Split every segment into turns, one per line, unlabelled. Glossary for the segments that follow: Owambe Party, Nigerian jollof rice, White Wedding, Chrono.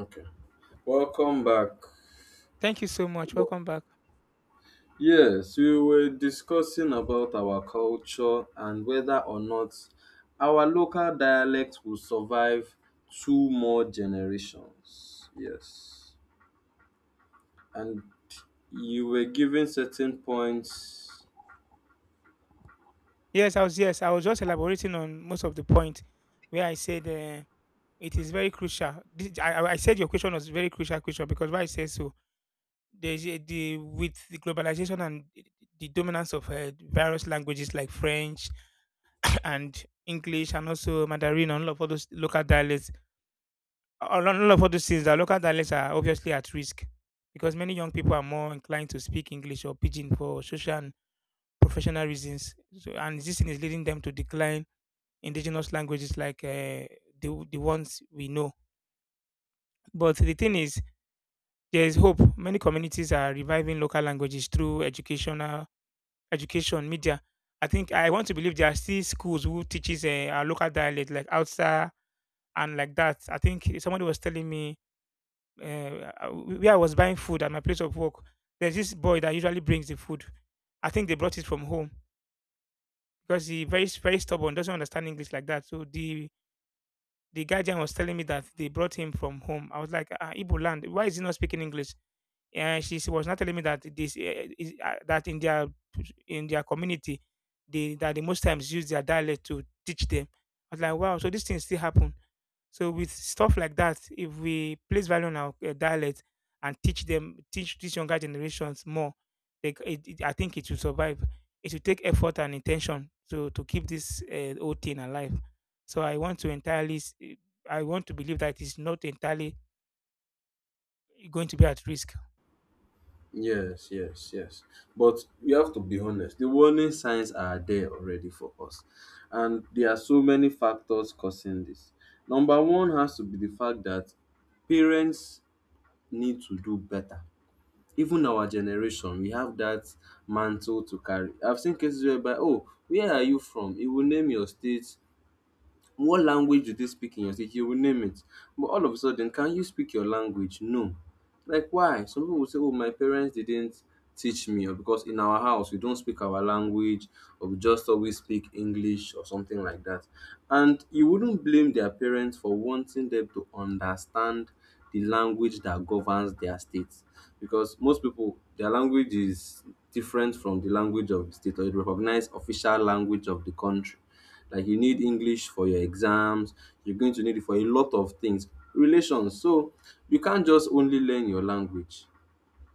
Okay. Welcome back.
Thank you so much. Welcome back.
Yes, we were discussing about our culture and whether or not our local dialect will survive two more generations. Yes. And you were given certain points.
Yes, I was just elaborating on most of the point where I said it is very crucial. This, I said your question was very crucial question because why I say so. There's a- the With the globalization and the dominance of various languages like French and English and also Mandarin and all those local dialects, all those things, the local dialects are obviously at risk because many young people are more inclined to speak English or pidgin for social professional reasons. So, and this thing is leading them to decline indigenous languages like the ones we know. But the thing is, there is hope. Many communities are reviving local languages through educational education, media. I think I want to believe there are still schools who teaches our local dialect like Hausa and like that. I think somebody was telling me where I was buying food at my place of work. There's this boy that usually brings the food. I think they brought it from home because he very stubborn, doesn't understand English like that. So the guardian was telling me that they brought him from home. I was like, ah, Ibo land, why is he not speaking English? And was not telling me that this that in their community, they most times use their dialect to teach them. I was like, wow, so these things still happen. So with stuff like that, if we place value on our dialect and teach them, teach these younger generations more, like I think it will survive. It will take effort and intention to keep this old thing alive. So I want to entirely, I want to believe that it's not entirely going to be at risk.
Yes, yes, yes. But we have to be honest. The warning signs are there already for us. And there are so many factors causing this. Number one has to be the fact that parents need to do better. Even our generation, we have that mantle to carry. I've seen cases whereby, oh, where are you from? He will name your state. What language do they speak in your state? You will name it. But all of a sudden, can you speak your language? No. Like why? Some people will say, oh, my parents didn't teach me, or because in our house we don't speak our language, or we just always speak English or something like that. And you wouldn't blame their parents for wanting them to understand the language that governs their state. Because most people, their language is different from the language of the state or the recognized official language of the country. Like you need English for your exams, you're going to need it for a lot of things, relations. So you can't just only learn your language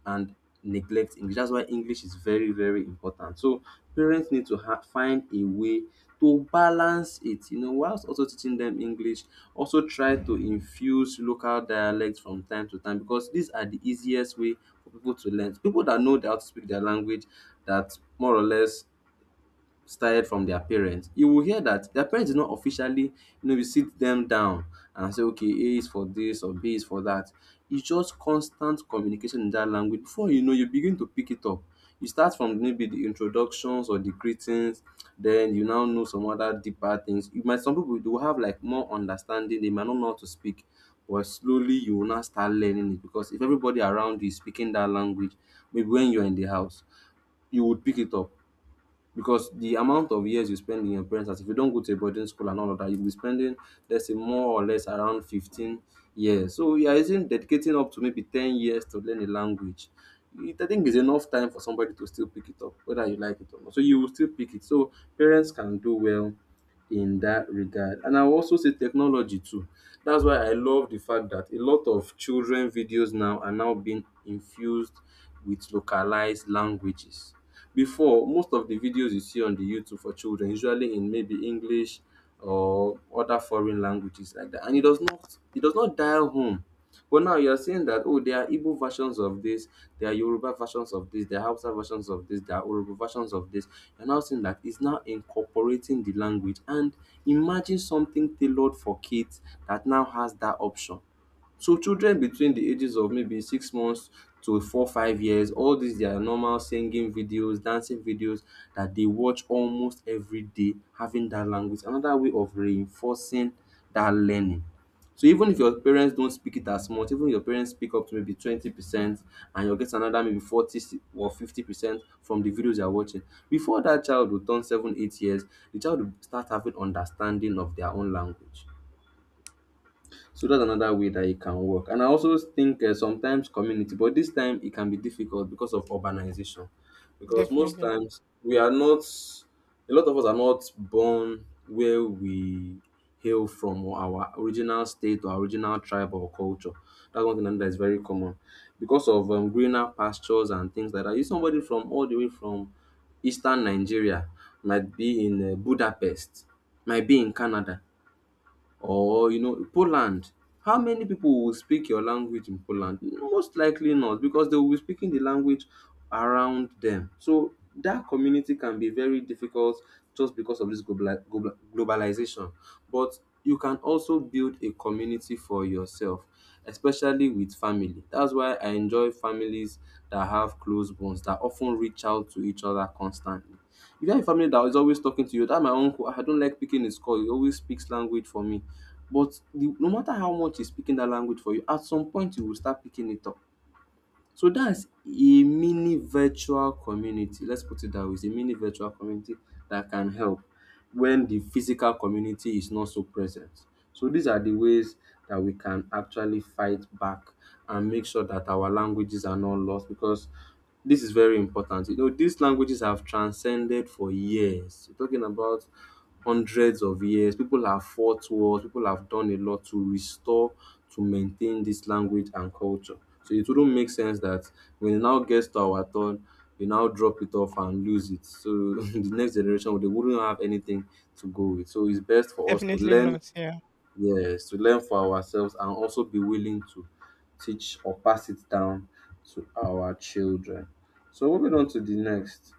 and neglect English. That's why English is very, very important. So parents need to find a way to balance it, you know, whilst also teaching them English, also try to infuse local dialects from time to time because these are the easiest way for people to learn. People that know how to speak their language, that more or less started from their parents, you will hear that their parents did not officially, you know, you sit them down and say, okay, A is for this or B is for that. It's just constant communication in that language. Before you know, you begin to pick it up. You start from maybe the introductions or the greetings, then you now know some other deeper things. You might, some people do have like more understanding, they might not know how to speak, but slowly you will now start learning it because if everybody around you is speaking that language, maybe when you're in the house, you would pick it up because the amount of years you spend in your parents' house, if you don't go to a boarding school and all of that, you'll be spending, let's say, more or less around 15 years. So you are using, dedicating up to maybe 10 years to learn a language. It, I think it's enough time for somebody to still pick it up, whether you like it or not. So you will still pick it. So parents can do well in that regard. And I'll also say technology too. That's why I love the fact that a lot of children videos now are now being infused with localized languages. Before, most of the videos you see on the YouTube for children, usually in maybe English or other foreign languages like that. And it does not dial home, but now you're saying that, oh, there are Igbo versions of this, there are Yoruba versions of this, there are Hausa versions of this, there are Urhobo versions of this. You're now saying that it's now incorporating the language. And imagine something tailored for kids that now has that option. So children between the ages of maybe 6 months to four, 5 years, all these their normal singing videos, dancing videos that they watch almost every day, having that language, another way of reinforcing that learning. So even if your parents don't speak it as much, even if your parents speak up to maybe 20% and you'll get another maybe 40 or 50% from the videos you're watching. Before that child will turn 7, 8 years, the child will start having understanding of their own language. So that's another way that it can work. And I also think sometimes community, but this time it can be difficult because of urbanization. Because most
Definitely,
times we are not, a lot of us are not born where we hail from or our original state or original tribe or culture. That's one thing that is very common. Because of greener pastures and things like that. If somebody from all the way from eastern Nigeria might be in Budapest, might be in Canada, or you know, Poland. How many people will speak your language in Poland? Most likely not, because they will be speaking the language around them. So that community can be very difficult just because of this globalization. But you can also build a community for yourself, especially with family. That's why I enjoy families that have close bonds that often reach out to each other constantly. If you have a family that is always talking to you, that my uncle, I don't like picking his call. He always speaks language for me. But the no matter how much he's speaking that language for you, at some point you will start picking it up. So that's a mini virtual community. Let's put it that way. It's a mini virtual community that can help when the physical community is not so present. So these are the ways that we can actually fight back and make sure that our languages are not lost, because this is very important. You know, these languages have transcended for years. We're talking about hundreds of years. People have fought wars, people have done a lot to restore, to maintain this language and culture. So it wouldn't make sense that when it now gets to our turn, we now drop it off and lose it. So the next generation they wouldn't have anything to go with. So it's best for us to
definitely
learn,
not. Yeah.
yes, to learn for ourselves and also be willing to teach or pass it down to our children. So moving on to the next.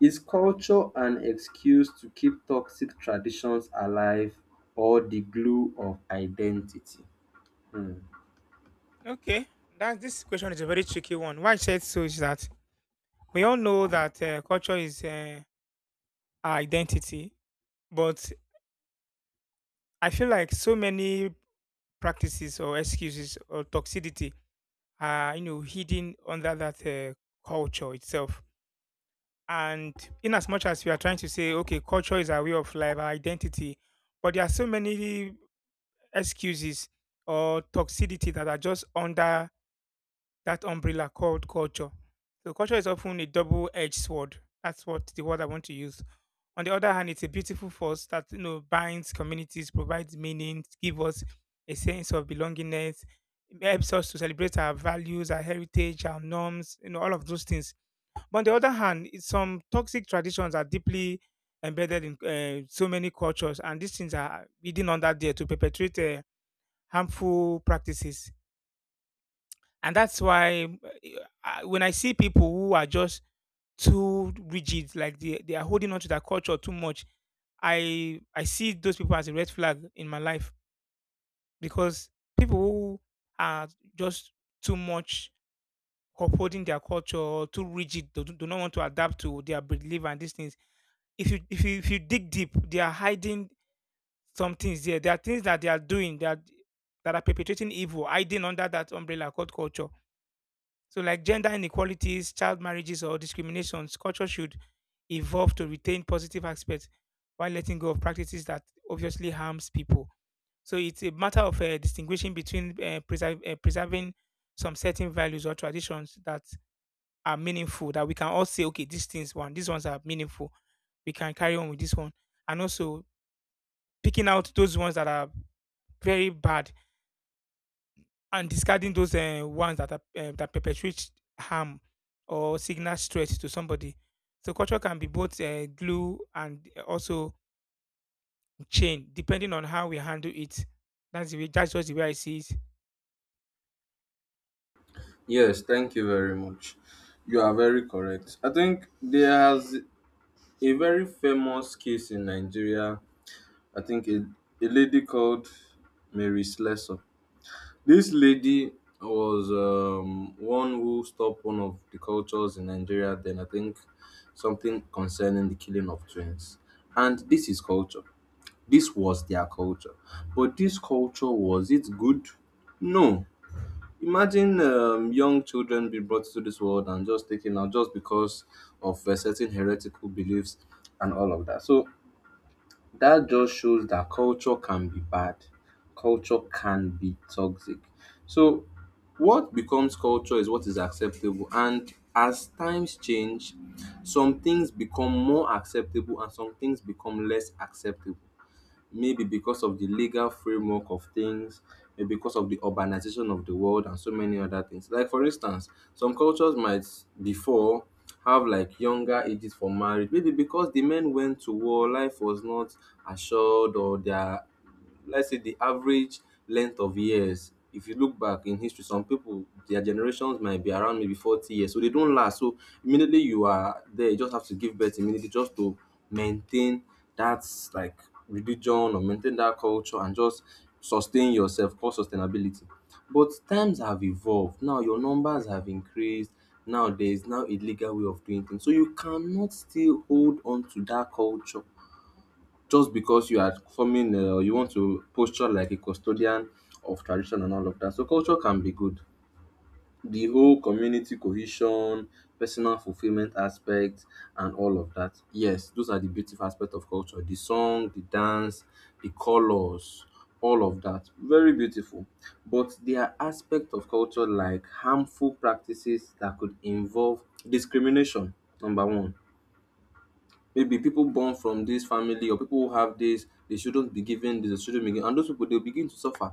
Is culture an excuse to keep toxic traditions alive or the glue of identity? Hmm.
Okay, that this question is a very tricky one. Why I said so is that we all know that culture is. Identity. But I feel like so many practices or excuses or toxicity are, you know, hidden under that culture itself. And in as much as we are trying to say, okay, culture is our way of life, our identity, but there are so many excuses or toxicity that are just under that umbrella called culture. So culture is often a double-edged sword. That's what the word I want to use. On the other hand, it's a beautiful force that you know binds communities, provides meaning, gives us a sense of belongingness, it helps us to celebrate our values, our heritage, our norms, you know, all of those things. But on the other hand, it's some toxic traditions are deeply embedded in so many cultures, and these things are hidden under there to perpetuate harmful practices. And that's why when I see people who are just too rigid, like they are holding on to that culture too much. I see those people as a red flag in my life because people who are just too much upholding their culture or too rigid, do not want to adapt to their belief and these things. If you dig deep, they are hiding some things there. There are things that they are doing that are perpetrating evil, hiding under that umbrella called culture. So, like gender inequalities, child marriages, or discriminations, culture should evolve to retain positive aspects while letting go of practices that obviously harms people. So, it's a matter of distinguishing between preserving some certain values or traditions that are meaningful, that we can all say, okay, these things, one, these ones are meaningful. We can carry on with this one. And also picking out those ones that are very bad and discarding those ones that perpetuate harm or signal stress to somebody. So culture can be both glue and also chain, depending on how we handle it. That's the way. That's just the way I see it.
Yes, thank you very much. You are very correct. I think there's a very famous case in Nigeria. I think a lady called Mary Slessor. This lady was one who stopped one of the cultures in Nigeria, then I think something concerning the killing of twins. And this is culture. This was their culture. But this culture, was it good? No. Imagine young children be brought to this world and just taken out just because of certain heretical beliefs and all of that. So that just shows that culture can be bad, culture can be toxic. So what becomes culture is what is acceptable, and as times change some things become more acceptable and some things become less acceptable, maybe because of the legal framework of things, maybe because of the urbanization of the world and so many other things. Like for instance, some cultures might before have like younger ages for marriage, maybe because the men went to war, life was not assured, or their, let's say the average length of years if you look back in history, some people their generations might be around maybe 40 years so they don't last. So immediately you are there you just have to give birth immediately just to maintain that, like, religion or maintain that culture and just sustain yourself, called sustainability. But times have evolved, now your numbers have increased, now there is now a legal way of doing things, so you cannot still hold on to that culture just because you are forming, you want to posture like a custodian of tradition and all of that. So culture can be good. The whole community cohesion, personal fulfillment aspect, and all of that. Yes, those are the beautiful aspect of culture. The song, the dance, the colors, all of that. Very beautiful. But there are aspects of culture like harmful practices that could involve discrimination, number one, maybe people born from this family or people who have this, they shouldn't be given this, they shouldn't be given, and those people they'll begin to suffer.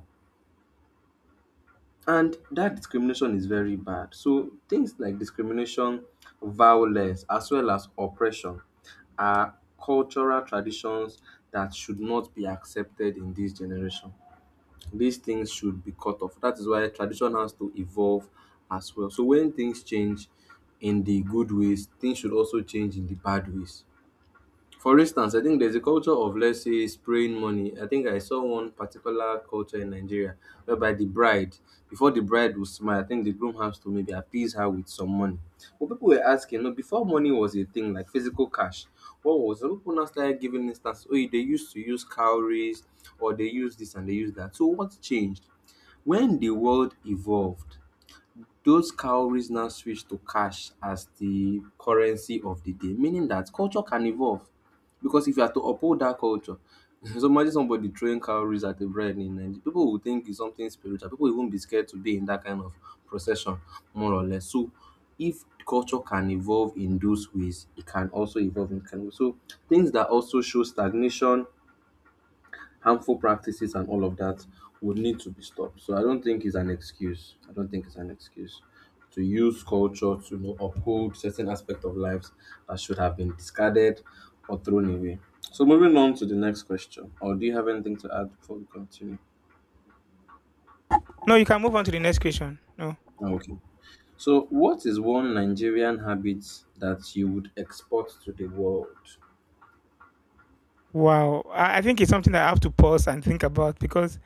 And that discrimination is very bad. So things like discrimination, violence, as well as oppression, are cultural traditions that should not be accepted in this generation. These things should be cut off. That is why tradition has to evolve as well. So when things change in the good ways, things should also change in the bad ways. For instance, I think there's a culture of, let's say, spraying money. I think I saw one particular culture in Nigeria whereby the bride, before the bride will smile, I think the groom has to maybe appease her with some money. But people were asking, you know, before money was a thing like physical cash, what was, some people now started giving instance, oh, they used to use cowries or they use this and they use that. So what changed? When the world evolved, those cowries now switch to cash as the currency of the day, meaning that culture can evolve. Because if you are to uphold that culture, so imagine somebody throwing cowries at the bread in Nigeria, people will think it's something spiritual. People will even be scared to be in that kind of procession, more or less. So if culture can evolve in those ways, it can also evolve in kind of so things that also show stagnation, harmful practices and all of that would need to be stopped. So I don't think it's an excuse. To use culture to uphold certain aspect of lives that should have been discarded or thrown away. So moving on to the next question, or do you have anything to add before we continue?
No, you can move on to the next question. No.
Oh, okay. So what is one Nigerian habit that you would export to the world?
Wow, I think it's something that I have to pause and think about because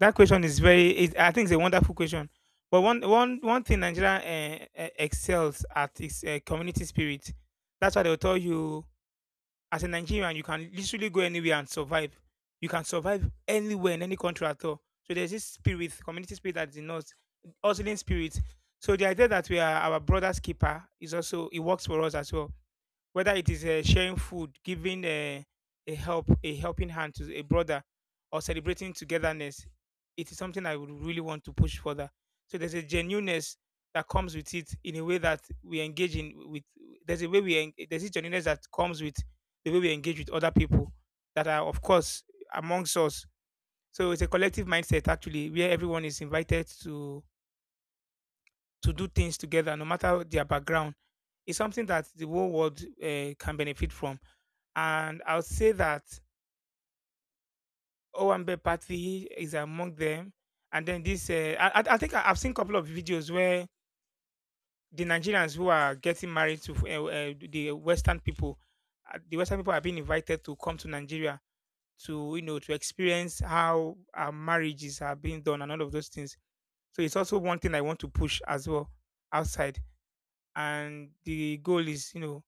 that question is very. It, I think it's a wonderful question. But one thing Nigeria excels at is community spirit. That's why they'll tell you as a Nigerian, you can literally go anywhere and survive. You can survive anywhere in any country at all. So there's this spirit, community spirit that is in us, hustling spirit. So the idea that we are our brother's keeper is also it works for us as well whether it is sharing food, giving a helping hand to a brother, or celebrating togetherness, it is something I would really want to push further. So there's a genuineness that comes with it in a way that we engage in with. There's a way we en- There's a genuineness that comes with the way we engage with other people that are of course amongst us. So it's a collective mindset actually where everyone is invited to do things together, no matter their background. It's something that the whole world can benefit from, and I'll say that Owambe Party is among them. And then this, I've seen a couple of videos where the Nigerians who are getting married to the Western people are being invited to come to Nigeria to you know to experience how our marriages are being done and all of those things. So it's also one thing I want to push as well outside. And the goal is you know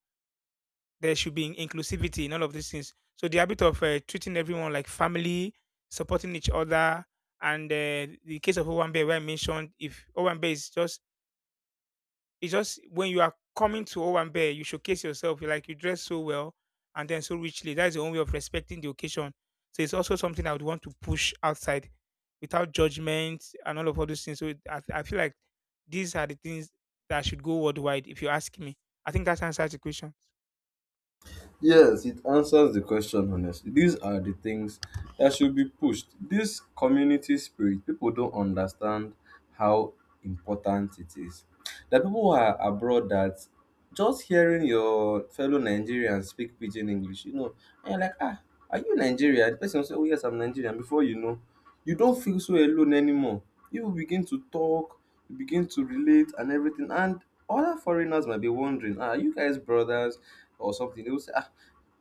there should be inclusivity in all of these things. So the habit of treating everyone like family, supporting each other, and the case of Owambe where I mentioned, if Owambe is just it's just when you are coming to Owambe, you showcase yourself. You Like you dress so well and then so richly. That is the only way of respecting the occasion. So it's also something I would want to push outside without judgment and all those things. So I feel like these are the things that should go worldwide. If you ask me, I think that answers the question.
Yes, it answers the question honestly. These are the things that should be pushed. This community spirit, people don't understand how important it is. The people who are abroad that just hearing your fellow Nigerians speak pidgin English, you know, and you're like, ah, are you Nigerian? The person will say, oh yes, I'm Nigerian. Before you know, you don't feel so alone anymore. You begin to talk, you begin to relate and everything. And other foreigners might be wondering, ah, are you guys brothers or something? They will say, ah,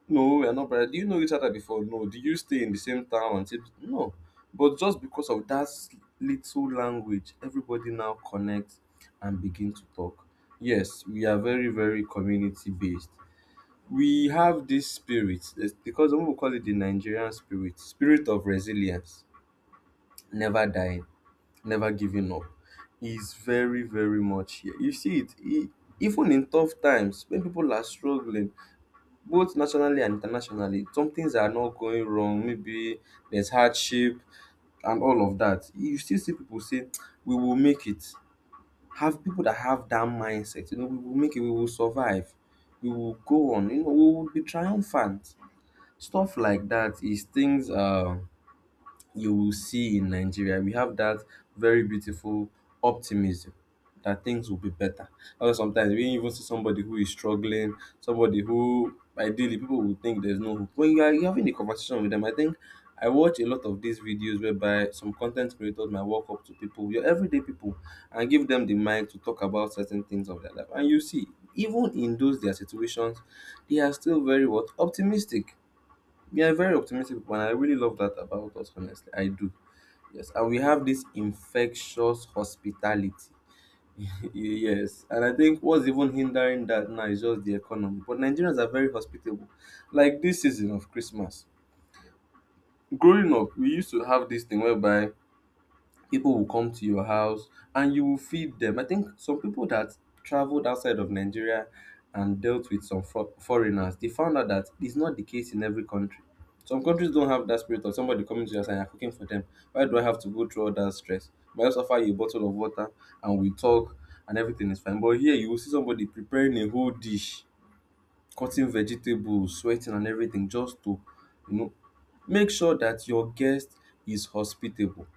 no, we are not brothers. Do you know each other before? No. Do you stay in the same town? And say, no. But just because of that little language, everybody now connects and begin to talk. Yes, we are very, very community based. We have this spirit, it's because some people call it the Nigerian spirit, spirit of resilience, never dying, never giving up is very, very much here. You see it even in tough times when people are struggling, both nationally and internationally, some things are not going wrong. Maybe there's hardship and all of that. You still see people say, we will make it. Have people that have that mindset, you know, we will make it, we will survive, we will go on, you know, we will be triumphant. Stuff like that is things you will see in Nigeria. We have that very beautiful optimism that things will be better. Although sometimes we even see somebody who is struggling, somebody who ideally people will think there's no hope. When you're having a conversation with them, I think I watch a lot of these videos whereby some content creators might walk up to people, your everyday people, and give them the mic to talk about certain things of their life. And you see, even in those their situations, they are still very what, optimistic, we are very optimistic people, and I really love that about us, honestly. I do. Yes. And we have this infectious hospitality. Yes. And I think what's even hindering that now is just the economy. But Nigerians are very hospitable. Like this season of Christmas. Growing up, we used to have this thing whereby people will come to your house and you will feed them. I think some people that traveled outside of Nigeria and dealt with some foreigners, they found out that it's not the case in every country. Some countries don't have that spirit of somebody coming to your house and you're cooking for them. Why do I have to go through all that stress? But I just offer you a bottle of water and we talk and everything is fine. But here you will see somebody preparing a whole dish, cutting vegetables, sweating and everything just to, you know, make sure that your guest is hospitable.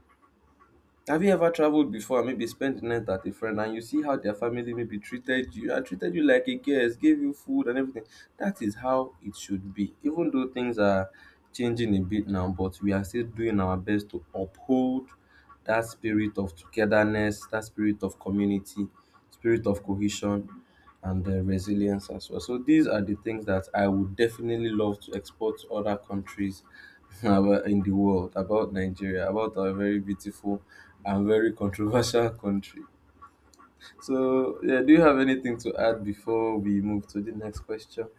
Have you ever traveled before and maybe spent the night at a friend and you see how their family maybe treated you and treated you like a guest, gave you food and everything? That is how it should be. Even though things are changing a bit now, but we are still doing our best to uphold that spirit of togetherness, that spirit of community, spirit of cohesion, and resilience as well. So these are the things that I would definitely love to export to other countries about in the world, about Nigeria, about our very beautiful and very controversial country. So, yeah, do you have anything to add before we move to the next question?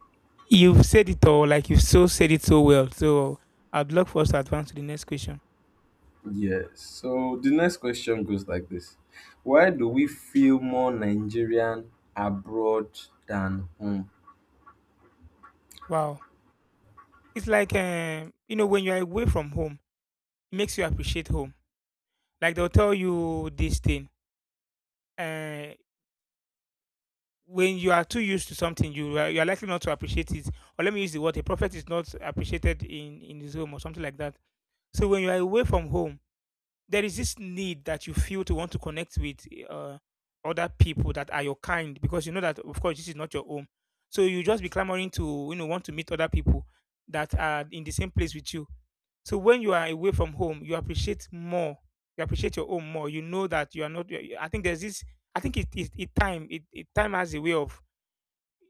You've said it all, like you've so said it so well. So I'd love for us to advance to the next question.
Yes. So the next question goes like this: why do we feel more Nigerian abroad than home?
Wow. It's like you know, when you're away from home, it makes you appreciate home. Like they'll tell you this thing. Uh when you are too used to something, you are likely not to appreciate it. Or let me use the word: a prophet is not appreciated in his home or something like that. So when you are away from home, there is this need that you feel to want to connect with uh, other people that are your kind because you know that of course this is not your home, so you just be clamoring to you know want to meet other people that are in the same place with you. So when you are away from home, you appreciate more, you appreciate your home more. You know that you are not. I think there's this, I think it it, it time has a way of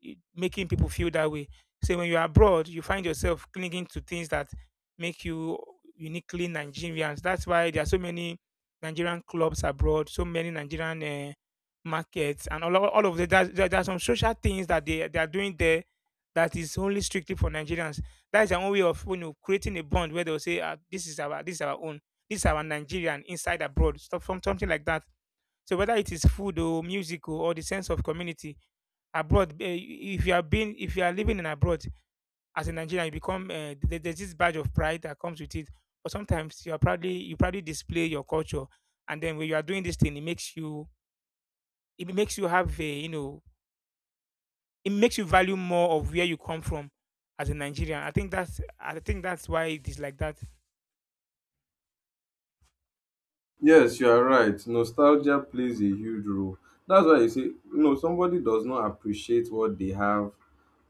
making people feel that way. So when you're abroad, you find yourself clinging to things that make you uniquely Nigerians. That's why there are so many Nigerian clubs abroad, so many Nigerian markets, and all of the there, there are some social things that they are doing there that is only strictly for Nigerians. That is their own way of you know creating a bond where they'll say, ah, this is our own, this is our Nigerian inside abroad." Stuff from something like that. So whether it is food or music or the sense of community, abroad, if you are being if you are living in abroad as a nigerian, you become there's this badge of pride that comes with it. But sometimes you probably display your culture, and then when you are doing this thing, it makes you, it makes you have a you know, it makes you value more of where you come from as a nigerian. I think that's, I think that's why it is like that.
Yes, you are right. Nostalgia plays a huge role. That's why you say, you know, somebody does not appreciate what they have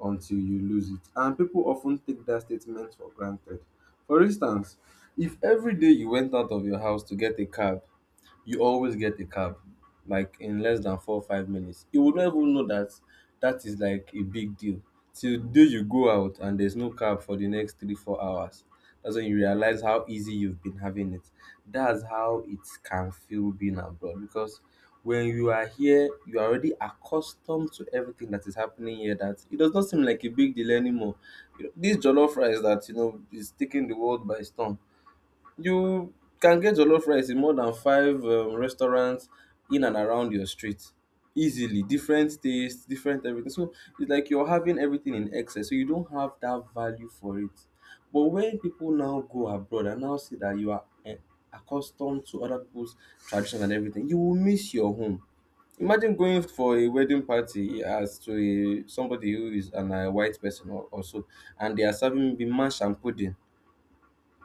until you lose it. And people often take that statement for granted. For instance, if every day you went out of your house to get a cab, you always get a cab, like in less than 4 or 5 minutes, you would not even know that that is like a big deal. Till the day you go out and there's no cab for the next three, 4 hours. That's when you realize how easy you've been having it. That's how it can feel being abroad because when you are here you are already accustomed to everything that is happening here, that it does not seem like a big deal anymore. You know, this jollof rice that you know is taking the world by storm, you can get jollof rice in more than five restaurants in and around your street easily. Different tastes, different everything. So it's like you're having everything in excess. So you don't have that value for it. But when people now go abroad and now see that you are, eh, accustomed to other people's tradition and everything, you will miss your home. Imagine going for a wedding party as to a, somebody who is an, a white person, or so, and they are serving me mash and pudding,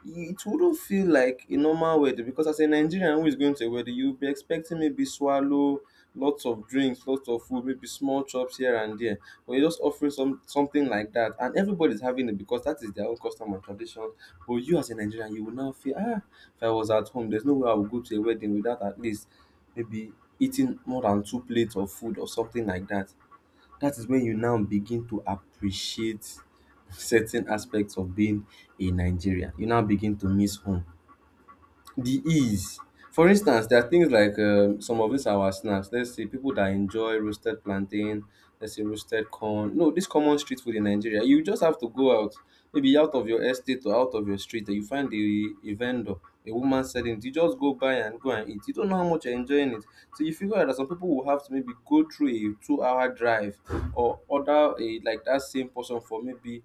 it wouldn't feel like a normal wedding because as a Nigerian who is going to a wedding, you'll be expecting maybe swallow, lots of drinks, lots of food, maybe small chops here and there. But you're just offering some something like that, and everybody's having it because that is their own custom and tradition. But you as a Nigerian, you will now feel, ah, if I was at home, there's no way I would go to a wedding without at least maybe eating more than two plates of food or something like that. That is when you now begin to appreciate certain aspects of being a Nigerian. You now begin to miss home. The ease. For instance, there are things like some of these our snacks. Let's say people that enjoy roasted plantain, let's say roasted corn. No, this common street food in Nigeria, you just have to go out, maybe out of your estate or out of your street, and you find a vendor, a woman selling it. You just go buy and go and eat. You don't know how much you're enjoying it. So you figure out that some people will have to maybe go through a 2 hour drive or order a like that same portion for maybe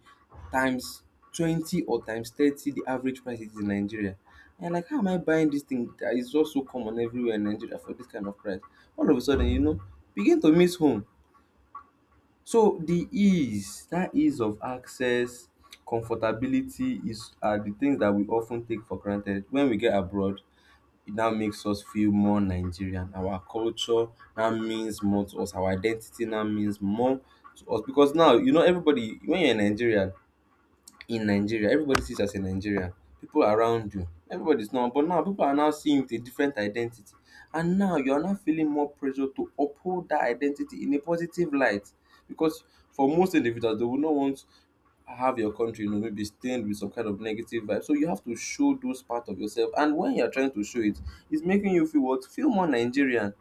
times 20 or times 30 the average price it is in Nigeria. And like, how am I buying this thing that is just so common everywhere in Nigeria for this kind of price? All of a sudden, you know, begin to miss home. So the ease, that ease of access, comfortability is are the things that we often take for granted. When we get abroad, it now makes us feel more Nigerian. Our culture now means more to us. Our identity now means more to us because now you know everybody. When you're in Nigeria, everybody sees you as a Nigerian. People around you, everybody's now, but now people are now seeing you with a different identity. And now you are now feeling more pressure to uphold that identity in a positive light. Because for most individuals, they will not want have your country, you know, maybe stained with some kind of negative vibe. So you have to show those part of yourself. And when you're trying to show it, it's making you feel what? Feel more Nigerian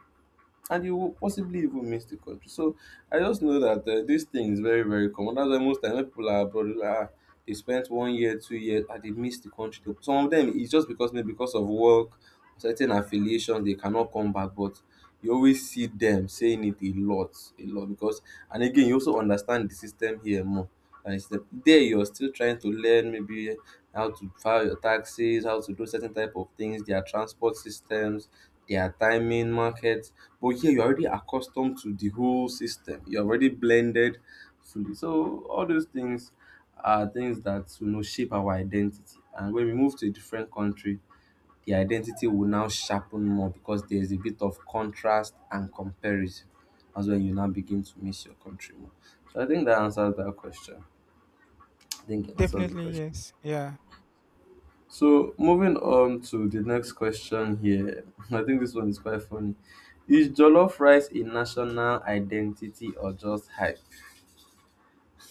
and you will possibly even miss the country. So I just know that this thing is very, very common. That's why most time when people are abroad, they're like, "Ah, they spent one year, 2 years, and they miss the country." Some of them it's just because maybe because of work, certain affiliations, they cannot come back. But you always see them saying it a lot because, and again, you also understand the system here more. And there you're still trying to learn maybe how to file your taxes, how to do certain type of things, their transport systems, their timing market, but here you're already accustomed to the whole system. You're already blended fully. So all those things are things that you know shape our identity. And when we move to a different country, the identity will now sharpen more because there's a bit of contrast and comparison. That's when you now begin to miss your country more. So I think that answers that question. I think it answers the
Definitely,
question.
yes, yeah.
So moving on to the next question here. I think this one is quite funny. Is jollof rice a national identity or just hype?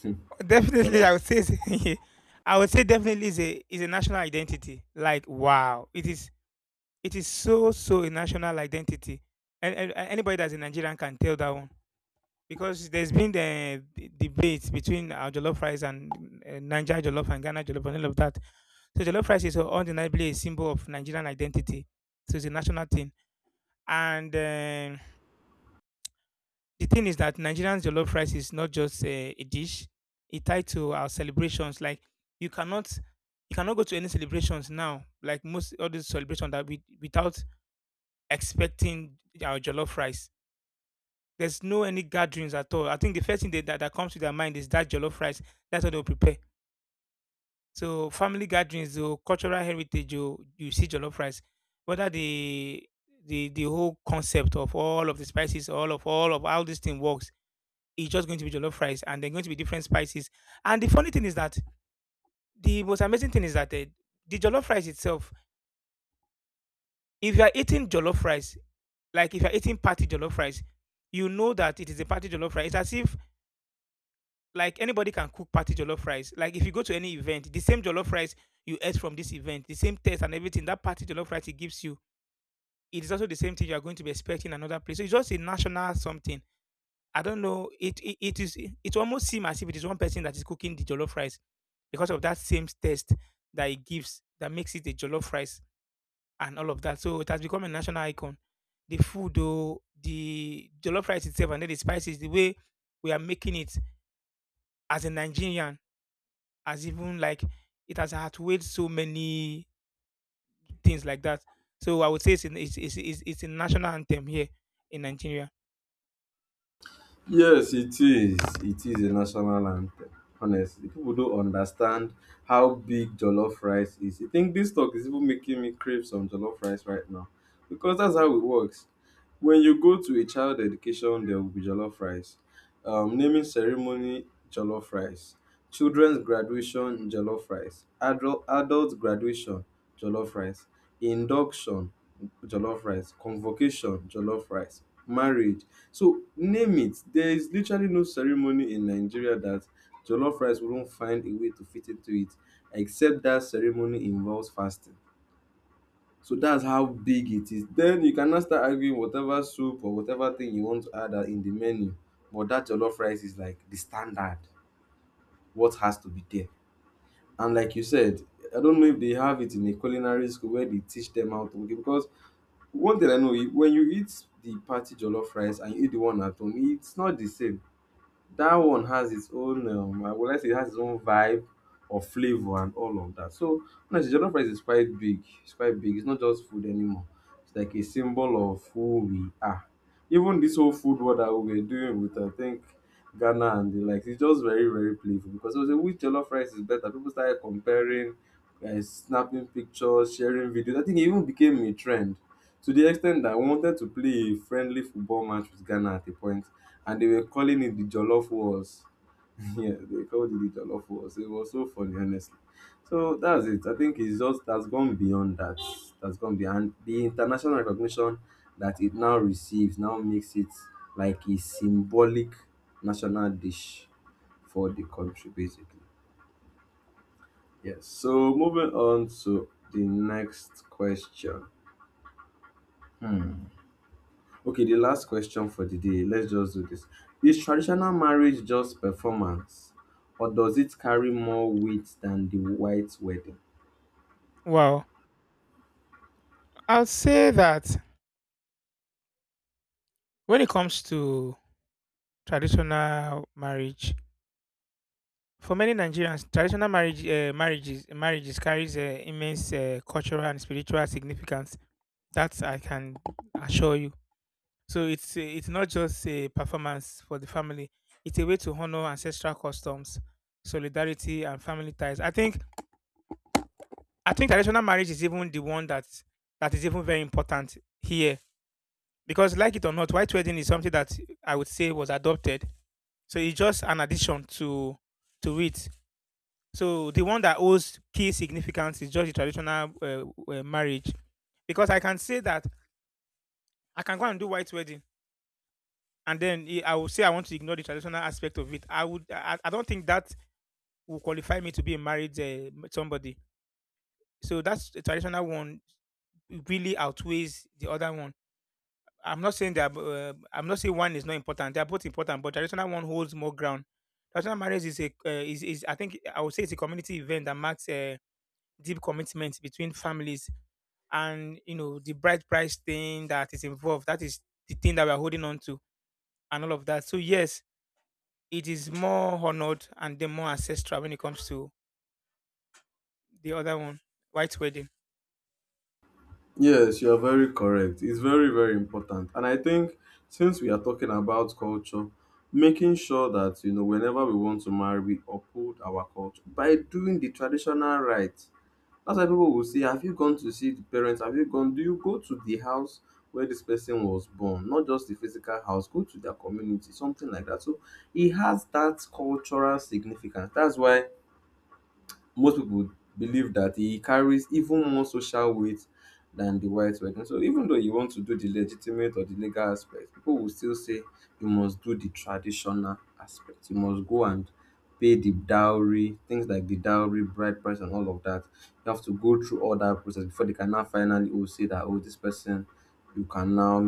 Definitely, I
Jollof.
would say it's- I would say definitely is a national identity, like wow, it is. It is so, so a national identity. And anybody that's a Nigerian can tell that one because there's been the debate between our jollof rice and Niger jollof and Ghana jollof and all of that. So jollof rice is undeniably a symbol of Nigerian identity. So it's a national thing. And the thing is that Nigerian jollof rice is not just a dish. It tied to our celebrations. Like you cannot, you cannot go to any celebrations now. Like most all other celebrations that we, without expecting our jollof rice. There's no any gatherings at all. I think the first thing that comes to their mind is that jollof rice. That's what they'll prepare. So family gatherings, or cultural heritage, you see jollof rice. Whether the whole concept of all of the spices, all of how this thing works, it's just going to be jollof rice, and they're going to be different spices. And the most amazing thing is that the jollof rice itself, if you are eating jollof rice, like if you're eating party jollof rice, you know that it is a party jollof rice. It's as if like anybody can cook party jollof rice. Like if you go to any event, the same jollof rice you ate from this event, the same taste and everything, that party jollof rice it gives you, it is also the same thing you are going to be expecting another place. So it's just a national something. I don't know. It is it it almost seems as if it is one person that is cooking the jollof rice because of that same taste that it gives that makes it a jollof rice and all of that. So it has become a national icon. The food, though, the jollof rice itself, and then the spices, the way we are making it as a Nigerian, as even like, it has outweighed so many things like that. So I would say it's, an, it's a national anthem here in Nigeria.
Yes, it is. It is a national anthem. Honestly, people don't understand how big jollof rice is. I think this talk is even making me crave some jollof rice right now because that's how it works. When you go to a child education, there will be jollof rice. Naming ceremony, jollof rice. Children's graduation, jollof rice. Adult graduation, jollof rice. Induction, jollof rice. Convocation, jollof rice. Marriage, so name it. There is literally no ceremony in Nigeria that jollof rice wouldn't find a way to fit into it, except that ceremony involves fasting. So that's how big it is. Then you can now start arguing whatever soup or whatever thing you want to add are in the menu. But that jollof rice is like the standard, what has to be there. And like you said, I don't know if they have it in a culinary school where they teach them how to make it. Because one thing I know, when you eat the party jollof rice and you eat the one at home, it's not the same. That one has its own, I would like say it has its own vibe or flavor and all of that. So honestly, jollof rice is quite big. It's quite big. It's not just food anymore. It's like a symbol of who we are. Even this whole food war that we were doing with, I think, Ghana and the likes, it's just very very playful because it was a which jollof rice is better. People started comparing, snapping pictures, sharing videos. I think it even became a trend to the extent that I wanted to play a friendly football match with Ghana at a point and they were calling it the Jollof Wars. Yeah, they called it the Jollof Wars. It was so funny, honestly. So that's it. I think it's just that's gone beyond that. That's gone beyond. The international recognition that it now receives now makes it like a symbolic national dish for the country, basically. Yes. So moving on to the next question. Hmm. Okay, the last question for the day. Let's just do this. Is traditional marriage just performance, or does it carry more weight than the white wedding?
Wow. I'll say that when it comes to traditional marriage, for many Nigerians, traditional marriage, marriages carries immense cultural and spiritual significance. That I can assure you. So it's not just a performance for the family. It's a way to honor ancestral customs, solidarity, and family ties. I think traditional marriage is even the one that that is even very important here because, like it or not, white wedding is something that I would say was adopted. So it's just an addition to it. So the one that holds key significance is just the traditional marriage because I can say that I can go and do white wedding and then I will say I want to ignore the traditional aspect of it. I don't think that will qualify me to be a married somebody. So that's the traditional one really outweighs the other one. I'm not saying one is not important. They are both important, but traditional one holds more ground. Traditional marriage is I would say it's a community event that marks a deep commitment between families, and you know the bride price thing that is involved. That is the thing that we are holding on to and all of that. So yes, it is more honored and then more ancestral when it comes to the other one, white wedding.
Yes, you are very correct. It's very, very important. And I think since we are talking about culture, making sure that, you know, whenever we want to marry, we uphold our culture by doing the traditional right. That's why people will say, "Have you gone to see the parents? Have you gone? Do you go to the house where this person was born?" Not just the physical house, go to their community, something like that. So it has that cultural significance. That's why most people believe that he carries even more social weight than the white wedding. So even though you want to do the legitimate or the legal aspect, people will still say you must do the traditional aspect. You must go and pay the dowry, things like the dowry, bride price, and all of that. You have to go through all that process before they can now finally, oh, say that, oh, this person, you can now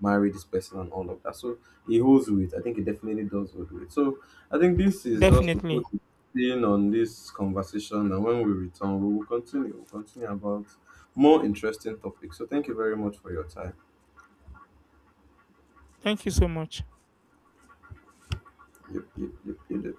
marry this person and all of that. So he holds with. I think he definitely does hold with. So I think this is just to put
Definitely.
staying on this conversation. And when we return, we will continue. We'll continue about more interesting topics. So thank you very much for your time.
Thank you so much.
Yep, yep, yep, yep, yep.